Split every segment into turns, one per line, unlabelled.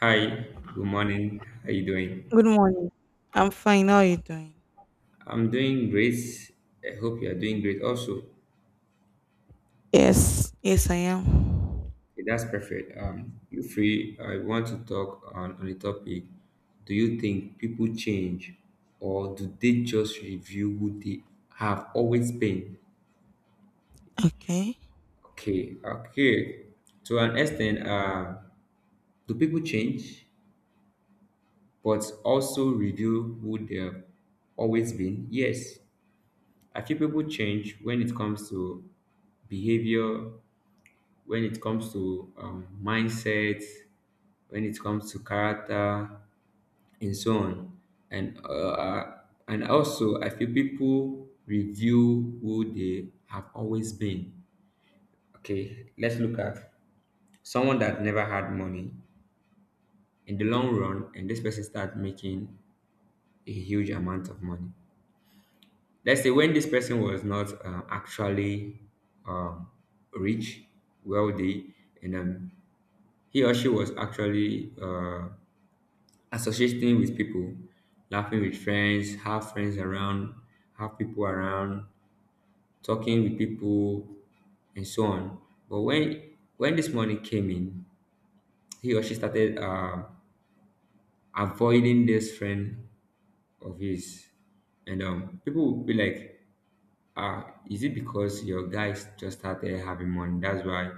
Hi, good morning. How you doing?
Good morning. I'm fine. How are you doing?
I'm doing great. I hope you are doing great also. Okay,
Yes, yes, I am.
that's perfect. You free. I want to talk on a topic. Do you think people change or do they just review who they have always been?
Okay.
Okay, okay. To an extent, do people change but also review who they have always been? Yes. I feel people change when it comes to behavior, when it comes to mindset, when it comes to character, and so on. And uh, uh, and also, I feel people review who they have always been. Okay, let's look at someone that never had money. In the long run, and this person start making a huge amount of money. Let's say when this person was not actually um, rich, wealthy, and he or she was actually associating with people, laughing with friends, have friends around, have people around, talking with people, and so on. But when this money came in, he or she started avoiding this friend of his, and people would be like, ah, is it because your guys just started having money? That's why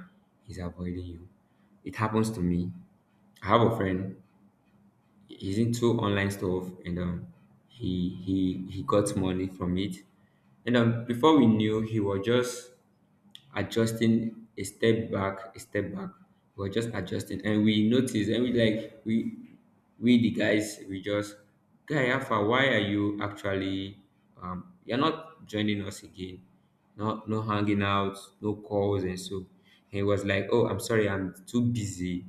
he's avoiding you. It happens to me. I have a friend, he's into online stuff, and he got money from it. And before we knew, he was just adjusting, a step back, we were just adjusting, and we noticed, and we like, we the guys we just guy alpha, why are you actually you're not joining us again? Not no, no hanging out, no calls. And so he was like, oh, I'm sorry, I'm too busy,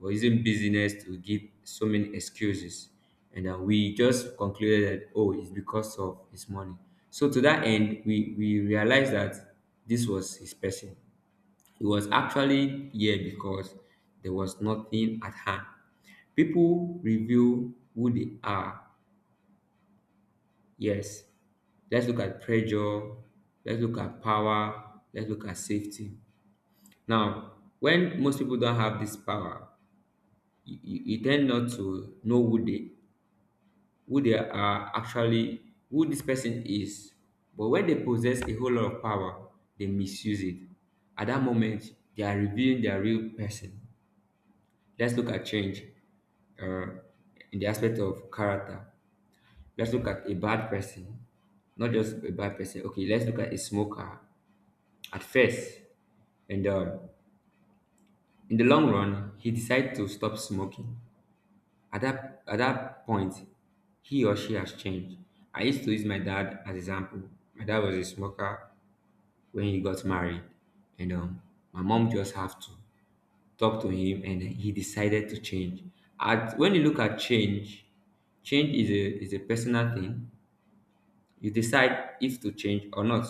or using busyness to give so many excuses. And we just concluded that, oh, it's because of his money. So to that end, we realized that this was his person. He was actually here because there was nothing at hand. People reveal who they are. Yes. Let's look at pressure. Let's look at power. Let's look at safety. Now, when most people don't have this power, you tend not to know who they are, actually, who this person is. But when they possess a whole lot of power, they misuse it. At that moment, they are revealing their real person. Let's look at change, uh, in the aspect of character. Let's look at a bad person. Not just a bad person Okay, let's look at a smoker at first, and in the long run he decided to stop smoking. At that point, he or she has changed. I used to use my dad as example. My dad was a smoker when he got married, and my mom just have to talk to him, and he decided to change. At when you look at change, change is a personal thing. You decide if to change or not.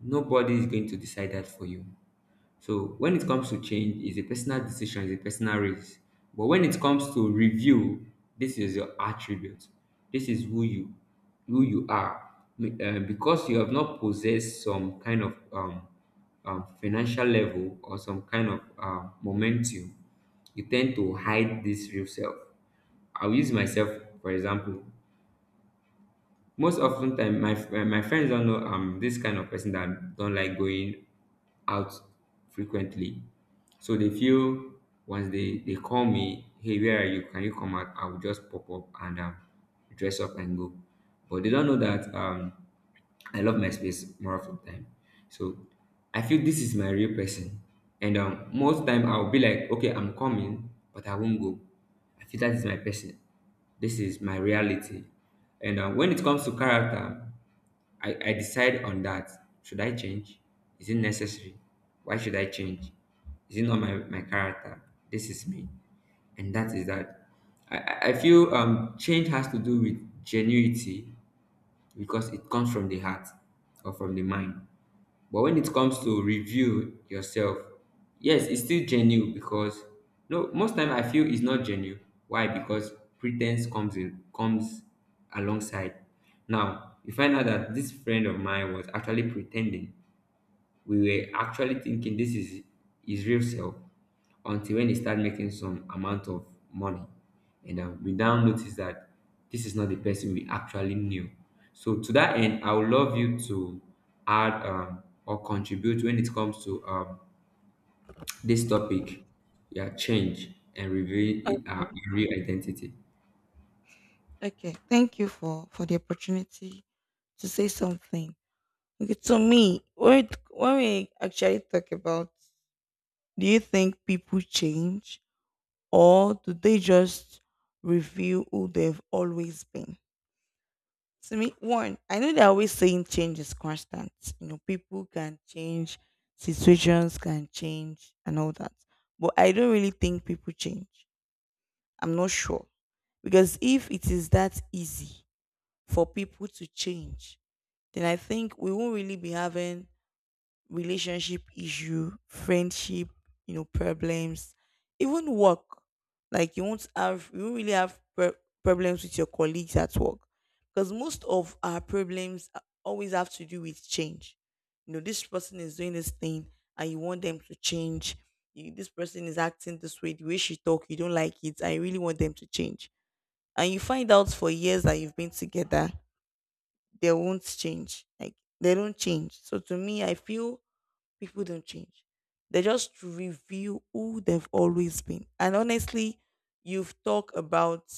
Nobody is going to decide that for you. So when it comes to change, it's a personal decision, it's a personal risk. But when it comes to review, this is your attribute. This is who you are. Because you have not possessed some kind of financial level or some kind of momentum, you tend to hide this real self. I'll use myself for example. Most often time my my friends don't know I'm this kind of person that don't like going out frequently. So they feel once they call me, hey, where are you? Can you come out? I will just pop up and dress up and go. But they don't know that I love my space more of the time. So I feel this is my real person. And most time I'll be like, okay, I'm coming, but I won't go. I feel that is my person. This is my reality. And when it comes to character, I decide on that. Should I change? Is it necessary? Why should I change? Is it not my character? This is me. And that is that. I feel change has to do with genuity because it comes from the heart or from the mind. But when it comes to review yourself, yes, it's still genuine because no, most time I feel it's not genuine. Why? Because pretense comes alongside. Now you find out that this friend of mine was actually pretending. We were actually thinking this is his real self, until when he started making some amount of money. And we now notice that this is not the person we actually knew. So, to that end, I would love you to add or contribute when it comes to this topic, yeah, change and reveal
Okay.
our real identity.
Okay. Thank you for the opportunity to say something. Okay, to me, when we actually talk about, do you think people change or do they just reveal who they've always been? To me, one, I know they're always saying change is constant. You know, people can change, situations can change, and all that. But I don't really think people change. I'm not sure. Because if it is that easy for people to change, then I think we won't really be having relationship issue, friendship, you know, problems, even work. Like you won't have, you won't really have problems with your colleagues at work, because most of our problems always have to do with change. You know, this person is doing this thing, and you want them to change. You, this person is acting this way, the way she talk, you don't like it. I really want them to change. And you find out for years that you've been together, they won't change. Like they don't change. So to me, I feel people don't change. They just reveal who they've always been. And honestly, you've talked about,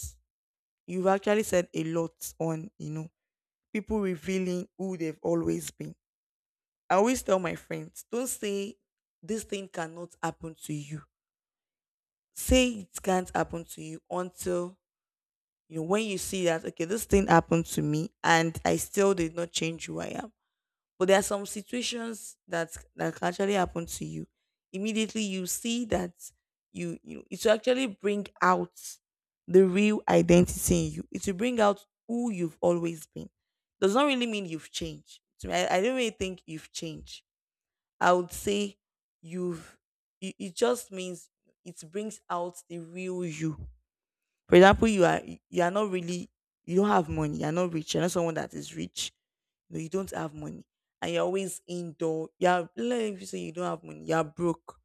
you've actually said a lot on, you know, people revealing who they've always been. I always tell my friends, don't say this thing cannot happen to you. Say it can't happen to you until you know when you see that okay, this thing happened to me and I still did not change who I am. But there are some situations that that can actually happen to you. Immediately you see that you it will actually bring out the real identity in you. It will bring out who you've always been. Does not really mean you've changed. To me, I don't really think you've changed. I would say you've it, it just means it brings out the real you. For example, you are not really you don't have money, you're not rich, you're not someone that is rich, know, you don't have money and you're always indoor. You're let me say you don't have money, you're broke.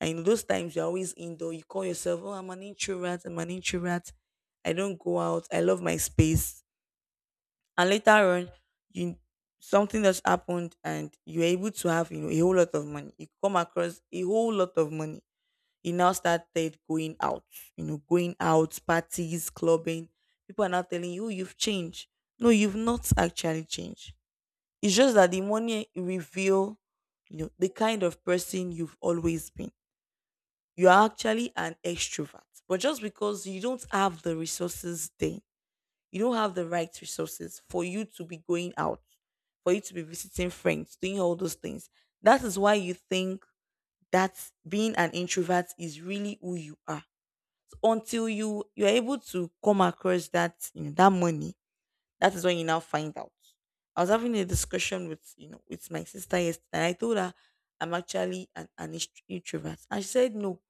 And in those times you're always indoor. You call yourself, oh, I'm an introvert, I'm an introvert. I don't go out. I love my space. And later on, you something that's happened and you're able to have, you know, a whole lot of money. You come across a whole lot of money. You now started going out, you know, going out, parties, clubbing. People are now telling you, "Oh, you've changed. No, you've not actually changed it's just that the money reveal, you know, the kind of person you've always been. You are actually an extrovert, but just because you don't have the resources then, you don't have the right resources for you to be going out, for you to be visiting friends, doing all those things. That is why you think that being an introvert is really who you are. So until you are able to come across that you know, that money that is when you now find out. I was having a discussion with you know with my sister yesterday. And I told her I'm actually an, an introvert. And she said no,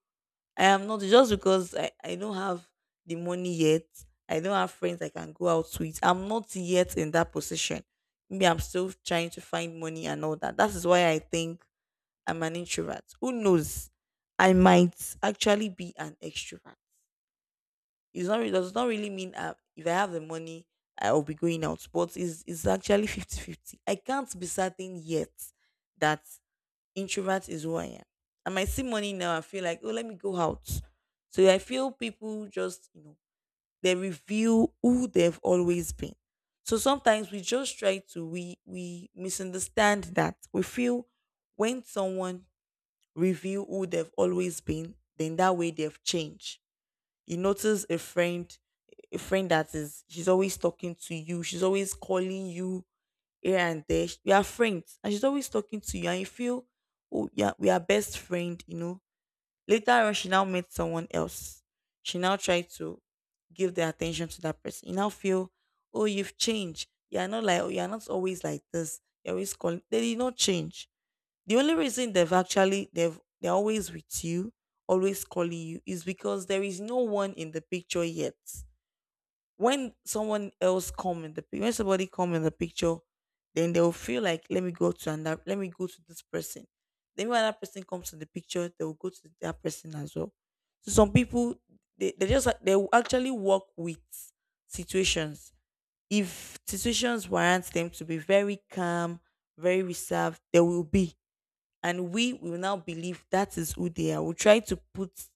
I am not just because I don't have the money yet. I don't have friends I can go out with. I'm not yet in that position. Maybe I'm still trying to find money and all that. That is why I think I'm an introvert. Who knows? I might actually be an extrovert. It's not it does not really mean if I have the money I will be going out, but it's actually 50/50. I can't be certain yet that introvert is who I am. I might see money now, I feel like, oh, let me go out. So I feel people just, you know, they reveal who they've always been. So sometimes we just try to we misunderstand that. We feel when someone reveal who they've always been, then that way they've changed. You notice a friend that is she's always talking to you, she's always calling you here and there. We are friends, and she's always talking to you, and you feel, oh yeah, we are best friend. You know. Later on, she now met someone else. She now tried to give the attention to that person. You now feel, oh, you've changed. You're not like you're not always like this. You're always calling. They did not change the only reason they've actually they've they're always with you, always calling you is because there is no one in the picture yet. When someone else come in the when somebody come in the picture, then they'll feel like let me go to another let me go to this person. Then when that person comes to the picture, they will go to that person as well. So some people they just they will actually work with situations. If situations warrant them to be very calm, very reserved, they will be and we will now believe that is who they are. We try to put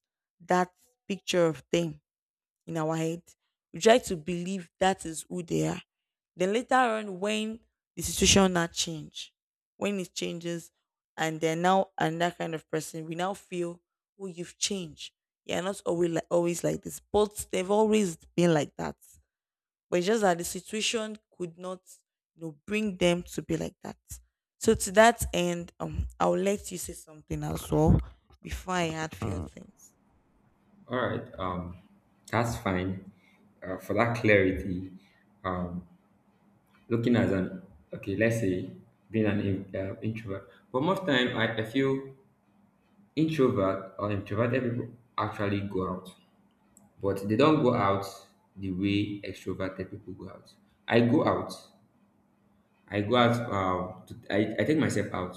that picture of them in our head. We try to believe that is who they are. Then later on, when the situation now change, when it changes, and they're now another kind of person, we now feel, oh, you've changed. You're not always like, always like this, but they've always been like that but it's just that the situation could not you know bring them to be like that so to that end I'll let you say something as well before I add few things
All right, that's fine for that clarity. Looking as an okay, let's say being an introvert, but most time I feel introvert or introverted people actually go out, but they don't go out the way extroverted people go out. I go out. I go out to, I take myself out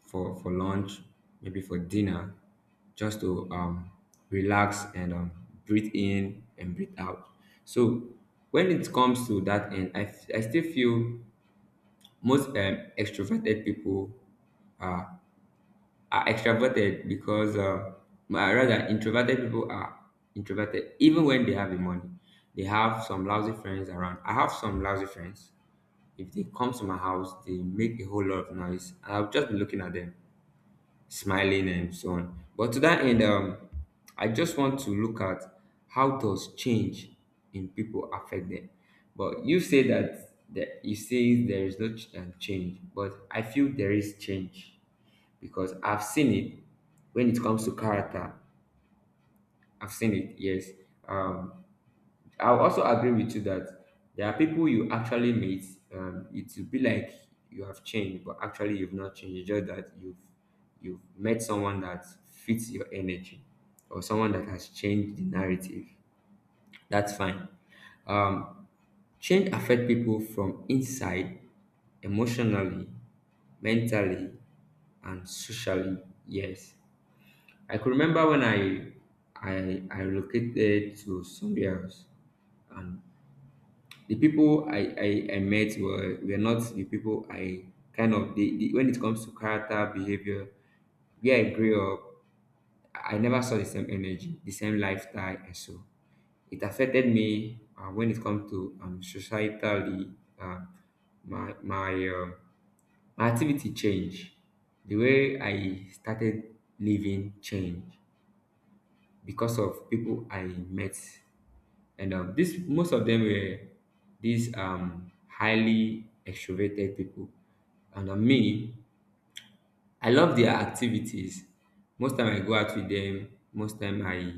for lunch, maybe for dinner, just to relax and breathe in and breathe out. So when it comes to that end, I still feel most extroverted people are, are extroverted because, but rather, introverted people are introverted even when they have the money. They have some lousy friends around. I have some lousy friends. If they come to my house, they make a whole lot of noise. I'll just be looking at them smiling and so on. But to that end, I just want to look at how does change in people affect them. But you say that that you say there is no change, but I feel there is change because I've seen it when it comes to character. I've seen it, yes. Um, I also agree with you that there are people you actually meet. It will be like you have changed, but actually you've not changed. It's just that you've met someone that fits your energy, or someone that has changed the narrative. That's fine. Um, Change affect people from inside, emotionally, mentally, and socially. Yes, I could remember when I relocated to somewhere else, and the people I met were not the people I kind of, when it comes to character, behavior, where I grew up, I never saw the same energy, the same lifestyle, and so it affected me when it comes to societally, uh, my, my, um my activity changed. The way I started living changed because of people I met. And this most of them were these highly extroverted people. And on me, I love their activities. Most time I go out with them. Most time I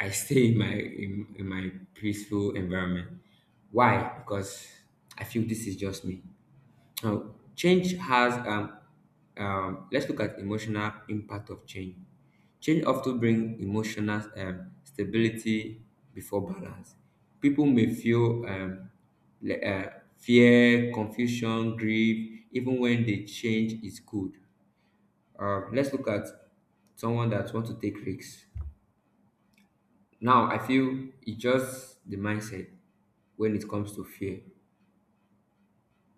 I stay in my in my peaceful environment. Why? Because I feel this is just me. Now, change has let's look at emotional impact of change. Change often brings emotional stability before balance. People may feel le- uh, fear, confusion, grief, even when the change is good. Let's look at someone that wants to take risks. Now, I feel it's just the mindset when it comes to fear.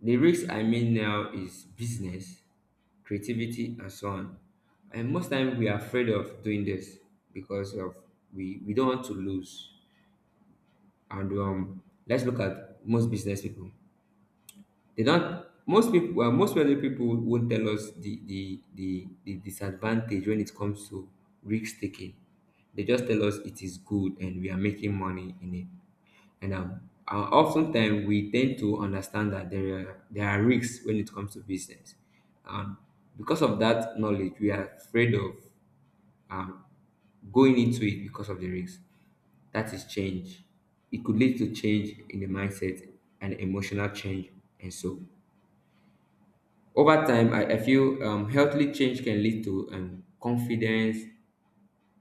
The risk I mean now is business, creativity, and so on. And most time we are afraid of doing this because of we don't want to lose. And let's look at most business people. They don't. Most people, well, most wealthy people won't tell us the disadvantage when it comes to risk taking. They just tell us it is good and we are making money in it. And oftentimes we tend to understand that there are risks when it comes to business. Um, because of that knowledge, we are afraid of um, going into it because of the risks. That is change. It could lead to change in the mindset and emotional change, and so over time, I feel healthily change can lead to confidence,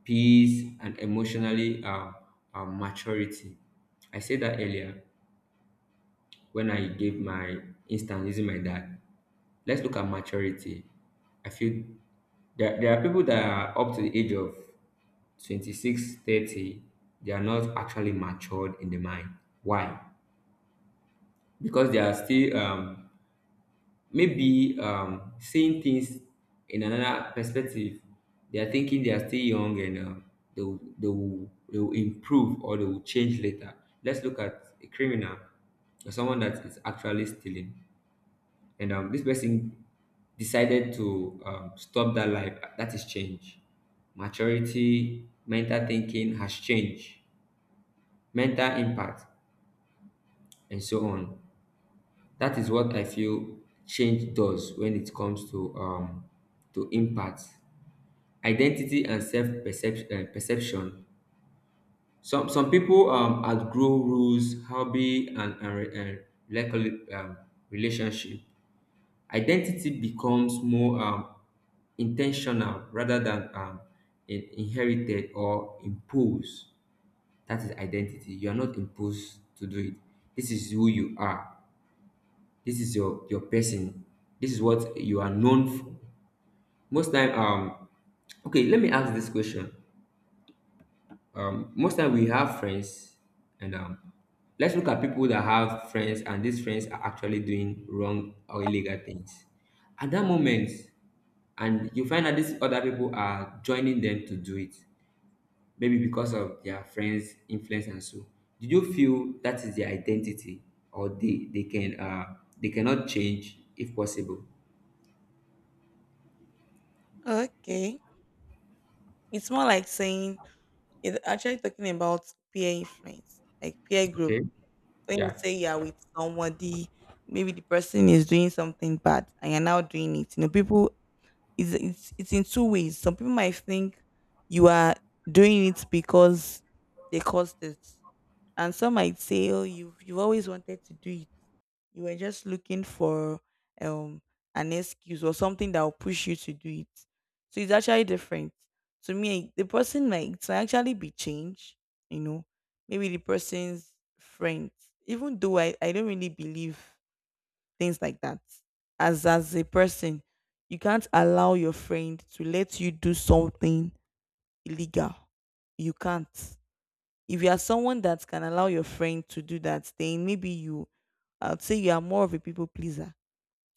peace, and emotionally maturity. I said that earlier when I gave my instance using my dad. Let's look at maturity. I feel there, there are people that are up to the age of 26, 30. They are not actually matured in the mind. Why? Because they are still maybe seeing things in another perspective. They are thinking they are still young, and they will improve or they will change later. Let's look at a criminal or someone that is actually stealing. And this person decided to stop that life. That is change. Maturity, mental thinking has changed, mental impact and so on. That is what I feel change does when it comes to impact. Identity and self perception. Some people, outgrow rules, hobby, and recol- um, relationship. Identity becomes more in, rather than inherited or imposed. That is identity. You are not imposed to do it. This is who you are. This is your person. This is what you are known for. Most time, okay, let me ask this question. Most time, we have friends, and let's look at people that have friends, and these friends are actually doing wrong or illegal things at that moment, and you find that these other people are joining them to do it, maybe because of their friends influence and so. Did you feel that is their identity, or they can, they cannot change, if possible?
okay it's more like saying it's actually talking about peer influence like peer group
Okay.
when you
Yeah.
say you're with somebody maybe the person is doing something bad and you're now doing it you know people it's it's in two ways some people might think you are doing it because they caused it and some might say, "Oh, you've always wanted to do it. You were just looking for um an excuse or something that will push you to do it." So it's actually different. To me, the person might to actually be changed. You know, maybe the person's friend. Even though I don't really believe things like that. As a person, you can't allow your friend to let you do something illegal. You can't if you are someone that can allow your friend to do that, then maybe you, I'd say you are more of a people pleaser.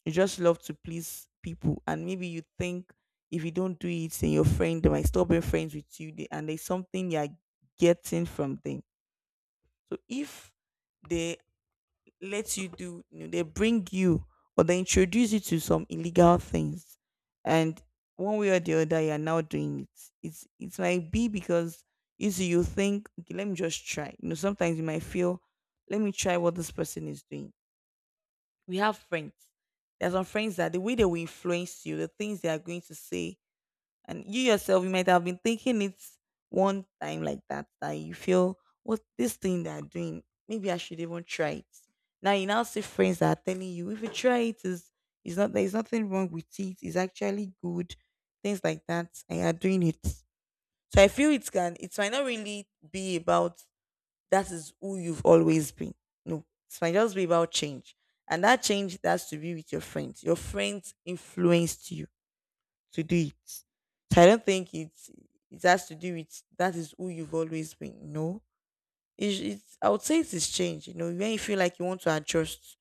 You just love to please people, and maybe you think if you don't do it, then your friend they might stop being friends with you, and there's something you are getting from them. So if they let you do you know, they bring you or they introduce you to some illegal things and one way or the other you're now doing it it's it might be because you see you think okay let me just try you know sometimes you might feel let me try what this person is doing we have friends there's some friends that the way they will influence you the things they are going to say and you yourself you might have been thinking it one time like that that you feel what this thing they're doing maybe I should even try it now you now see friends that are telling you if you try it is it's not there's nothing wrong with it it's actually good things like that and you're doing it so I feel it can it might not really be about that is who you've always been no it might just be about change and that change has to be with your friends influenced you to do it. So I don't think it's it has to do with that is who you've always been. No, it's I would say it is change. You know, when you feel like you want to adjust,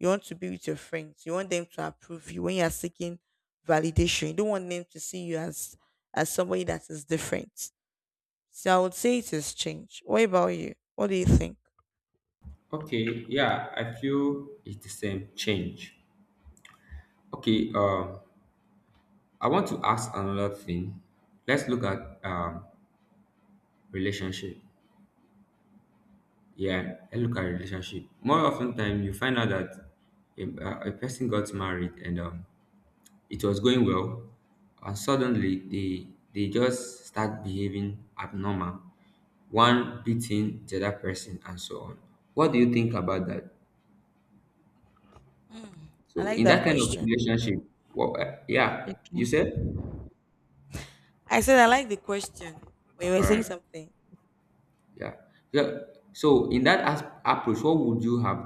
you want to be with your friends, you want them to approve you when you are seeking validation. You don't want them to see you as somebody that is different. So I would say it is change. What about you? What do you think?
Okay. Yeah, I feel it's the same change. Okay. I want to ask another thing. Let's look at relationship. Yeah, let's look at relationship. More often time, you find out that a person got married, and it was going well, and suddenly they just start behaving abnormal, one beating the other person and so on. What do you think about that?
Mm, I
So
like
in
that
that kind of
question.
relationship, what? Yeah, you
Okay.
said.
I said I like the question. When you were
All
saying
right.
something,
Yeah. Yeah. So in that approach, what would you have?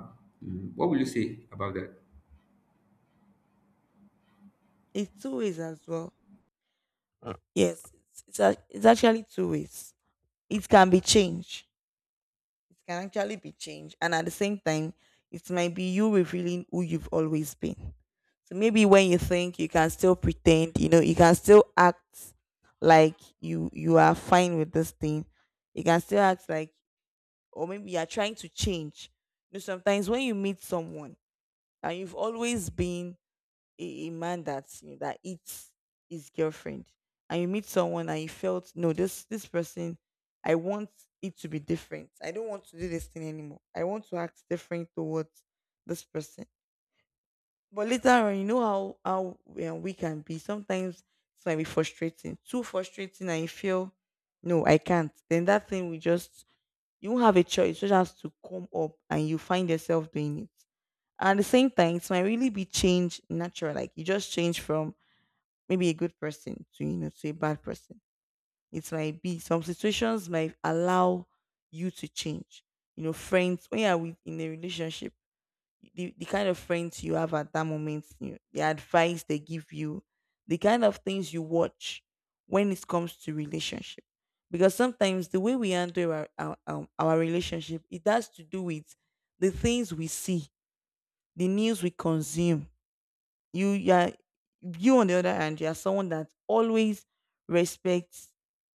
What will you say about that?
it's two ways as well. Yes, it's actually two ways. It can be changed. It can actually be changed. And at the same time, it might be you revealing who you've always been. So maybe when you think you can still pretend, you know, you can still act like you are fine with this thing. You can still act like or maybe you are trying to change. You know, sometimes when you meet someone and you've always been a man that, you know, that eats his girlfriend, and you meet someone and you felt, no, this person, I want it to be different. I don't want to do this thing anymore. I want to act different towards this person. But later on, you know how we can be sometimes, it might be frustrating, too frustrating, and you feel, no, I can't. Then that thing will just, you won't have a choice, it just has to come up and you find yourself doing it. And at the same time, it might really be change, natural, like you just change from maybe a good person to, you know, to a bad person. It might be, some situations might allow you to change. You know, friends, when you are with, in a relationship, the kind of friends you have at that moment, you know, the advice they give you, the kind of things you watch when it comes to relationship. Because sometimes the way we handle our relationship, it has to do with the things we see, the news we consume. you you are you, on the other hand, you are someone that always respects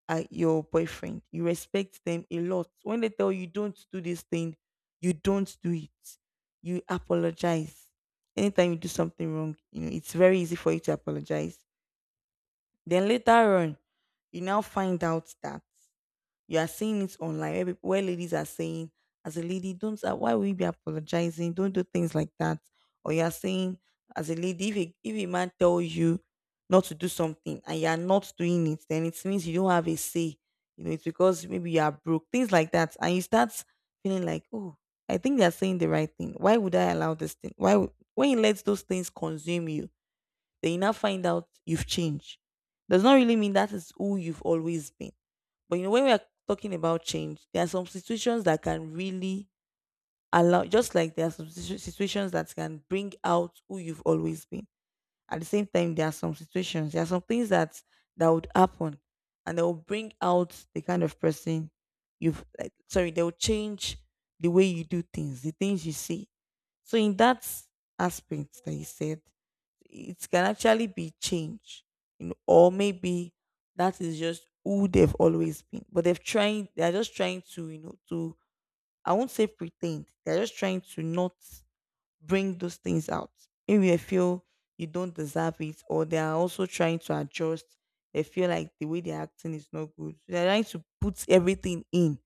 your boyfriend. You respect them a lot. When they tell you don't do this thing, you don't do it. You apologize. Anytime you do something wrong, you know it's very easy for you to apologize. Then later on, you now find out that you are seeing it online where people, where ladies are saying, as a lady, don't, why will you be apologizing? Don't do things like that. Or you are saying, as a lady, if if a man tells you not to do something and you are not doing it, then it means you don't have a say. You know, it's because maybe you are broke, things like that, and you start feeling like, oh, I think they are saying the right thing. Why would I allow this thing? Why would, when you let those things consume you, then you now find out you've changed, does not really mean that is who you've always been. But you know, when we are talking about change, there are some situations that can really allow, just like there are some situations that can bring out who you've always been. At the same time, there are some situations, there are some things that would happen, and they will bring out the kind of person you've, like, sorry, they will change the way you do things, the things you see. So in that aspect that you said, it can actually be changed, you know, or maybe that is just who they've always been. But they've trying, they're just trying to, you know, to, I won't say pretend. They're just trying to not bring those things out. Maybe they feel you don't deserve it, or they are also trying to adjust. They feel like the way they're acting is not good. They're trying to put everything in.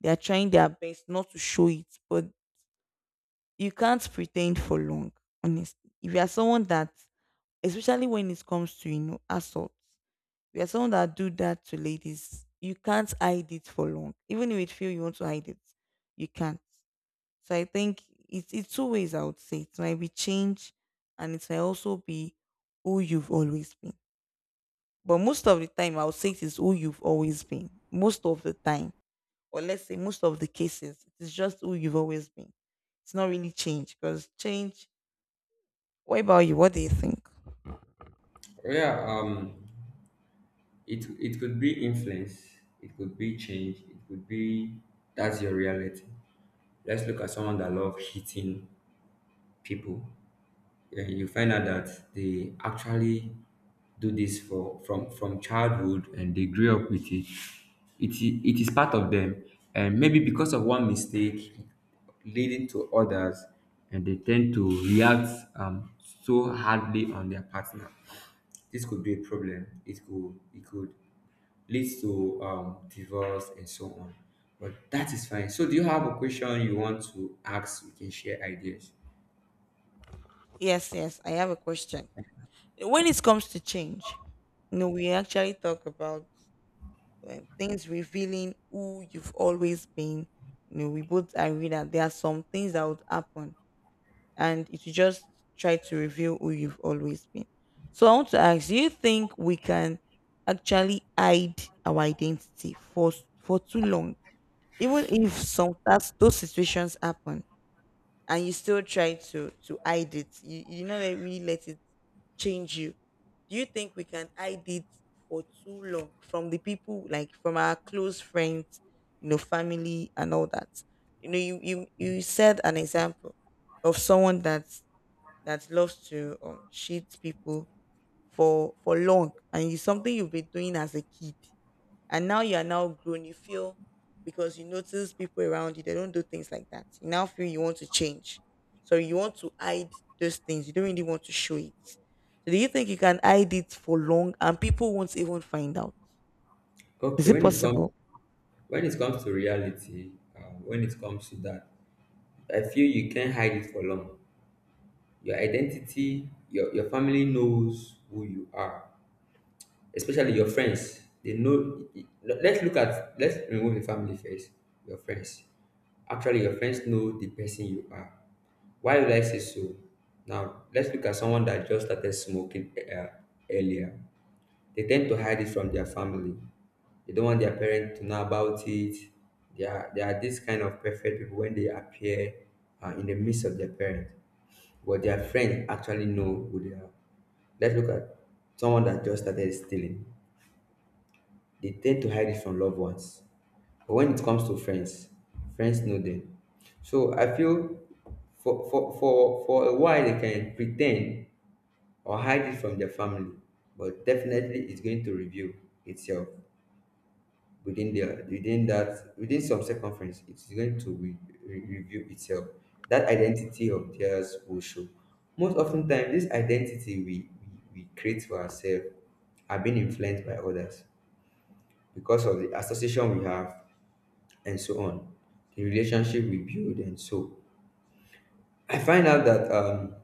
They are trying their best not to show it, but you can't pretend for long, honestly. If you are someone that, especially when it comes to, you know, assault, if you are someone that do that to ladies, you can't hide it for long. Even if it feel you want to hide it, you can't. So I think it's two ways, I would say. It might be change and it might also be who you've always been. But most of the time I would say it is who you've always been. Most of the time. Or let's say most of the cases, it's just who you've always been. It's not really change, because change. What about you? What do you think?
Yeah. It could be influence. It could be change. It could be that's your reality. Let's look at someone that loves eating people, and you find out that they actually do this for from childhood, and they grew up with it. It is part of them. And maybe because of one mistake leading to others, and they tend to react um, so hardly on their partner. This could be a problem. It could lead to divorce and so on. But that is fine. So do you have a question you want to ask? We can share ideas.
Yes, yes, I have a question. When it comes to change, you know, we actually talk about things revealing who you've always been. You know, we both agree that there are some things that would happen, and it will just try to reveal who you've always been. So I want to ask: do you think we can actually hide our identity for too long? Even if some, that those situations happen and you still try to hide it, you know that really let it change you, do you think we can hide it for too long from the people, like from our close friends, you know, family and all that? You know, you said an example of someone that loves to cheat people for long, and it's something you've been doing as a kid, and now you are now grown, you feel, because you notice people around you, they don't do things like that, you now feel you want to change. So you want to hide those things, you don't really want to show it. So do you think you can hide it for long and people won't even find out? Is
Okay,
it possible?
when it comes to reality, when it comes to that, I feel you can't hide it for long. Your identity, your family knows who you are, especially your friends. They know. Let's look at Let's remove the family first. Your friends, actually, your friends know the person you are. Why would I say so? Now let's look at someone that just started smoking earlier. They tend to hide it from their family. They don't want their parents to know about it. They are this kind of perfect people when they appear in the midst of their parents. But their friends actually know who they are. Let's look at someone that just started stealing. They tend to hide it from loved ones. But when it comes to friends, friends know them. So I feel for a while they can pretend or hide it from their family, but definitely it's going to reveal itself, within that, within some circumference it's going to reveal itself. That identity of theirs will show. Most often time, this identity we create for ourselves are being influenced by others, because of the association we have and so on, the relationship we build and so. I find out that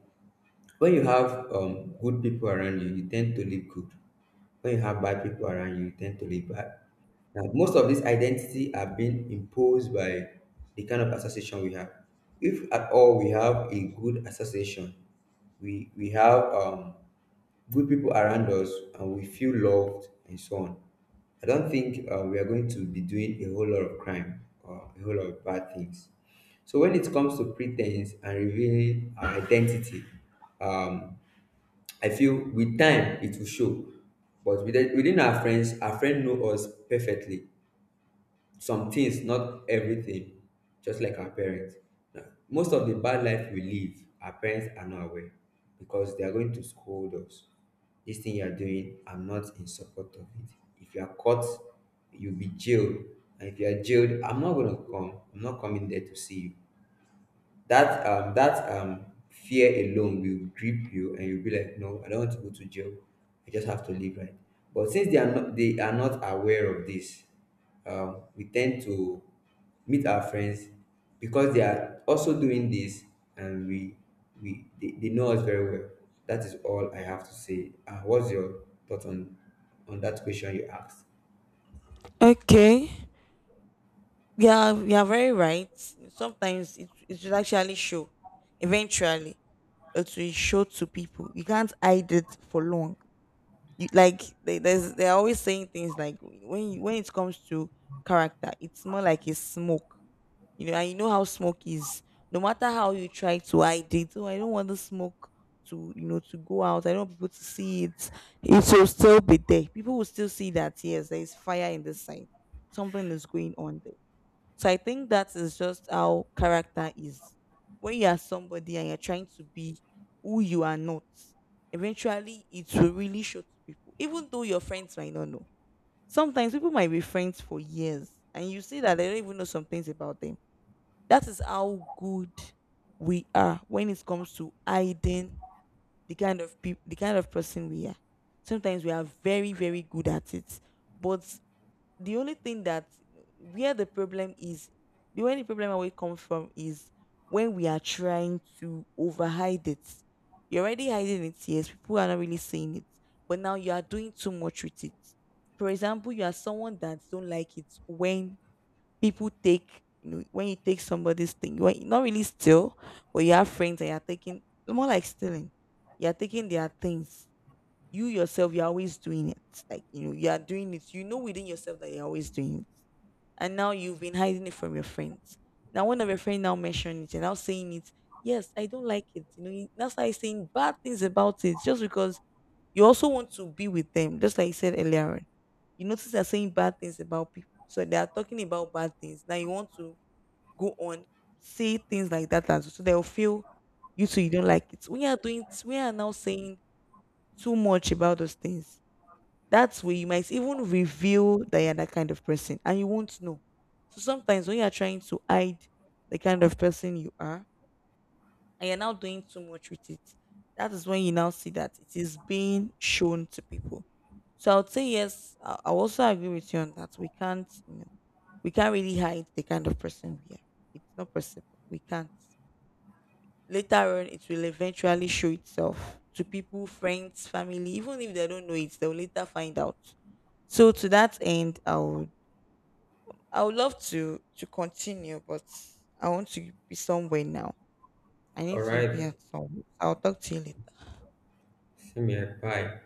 when you have good people around you tend to live good. When you have bad people around you, you tend to live bad. Now, most of this identity are being imposed by the kind of association we have. If at all we have a good association, we have good people around us, and we feel loved and so on. I don't think we are going to be doing a whole lot of crime or a whole lot of bad things. So when it comes to pretense and revealing our identity, um, I feel with time it will show, but within our friends, our friend know us perfectly, some things, not everything, just like our parents. Now, most of the bad life we live, our parents are not aware, because they are going to scold us. "This thing you are doing, I'm not in support of it. If you are caught, you'll be jailed, and if you are jailed, I'm not coming there to see you." That fear alone will grip you, and you'll be like, "No, I don't want to go to jail. I just have to live right." But since they are not aware of this, we tend to meet our friends, because they are also doing this, and they know us very well. That is all I have to say. What's your thought on that question you asked?
Okay, yeah, you're very right. Sometimes it should actually show eventually, it will show to people, you can't hide it for long. You, like, they're always saying things like, when you, when it comes to character, it's more like a smoke, you know, and you know how smoke is. No matter how you try to hide it, oh, I don't want the smoke to, you know, to go out, I don't want people to see it, it will still be there, people will still see that, yes, there is fire in the side, something is going on. So I think that is just how character is. When you are somebody and you're trying to be who you are not, eventually it will really show to people, even though your friends might not know. Sometimes people might be friends for years and you see that they don't even know some things about them. That is how good we are when it comes to hiding the kind of people, the kind of person we are. Sometimes we are very, very good at it. But the only thing that, where the problem is, the only problem where it comes from is when we are trying to overhide it. You're already hiding it, yes, people are not really seeing it, but now you are doing too much with it. For example, you are someone that don't like it when people take, you know, when you take somebody's thing, when, not really steal, but you have friends and you're taking, more like stealing, you're taking their things. You yourself, you're always doing it, like, you know you are doing it, you know within yourself that you're always doing it. And now you've been hiding it from your friends. Now one of your friends now mentioned it and now saying it, yes, I don't like it, you know, that's why I saying bad things about it, just because you also want to be with them, just like you said earlier on. You notice they're saying bad things about people, so they are talking about bad things, now you want to go on, say things like that as well, so they'll feel you too, you don't like it, we are doing, we are now saying too much about those things. That's where you might even reveal that you're that kind of person and you won't know. So sometimes when you're trying to hide the kind of person you are and you're now doing too much with it, that is when you now see that it is being shown to people. So I would say yes, I also agree with you on that. We can't, you know, we can't really hide the kind of person we are. It's not possible. We can't. Later on, it will eventually show itself to people, friends, family, even if they don't know it, they'll later find out. So to that end, I would love to continue, but I want to be somewhere now. I need
All
to be
right,
at somewhere. I'll talk to you later.
same here. Bye.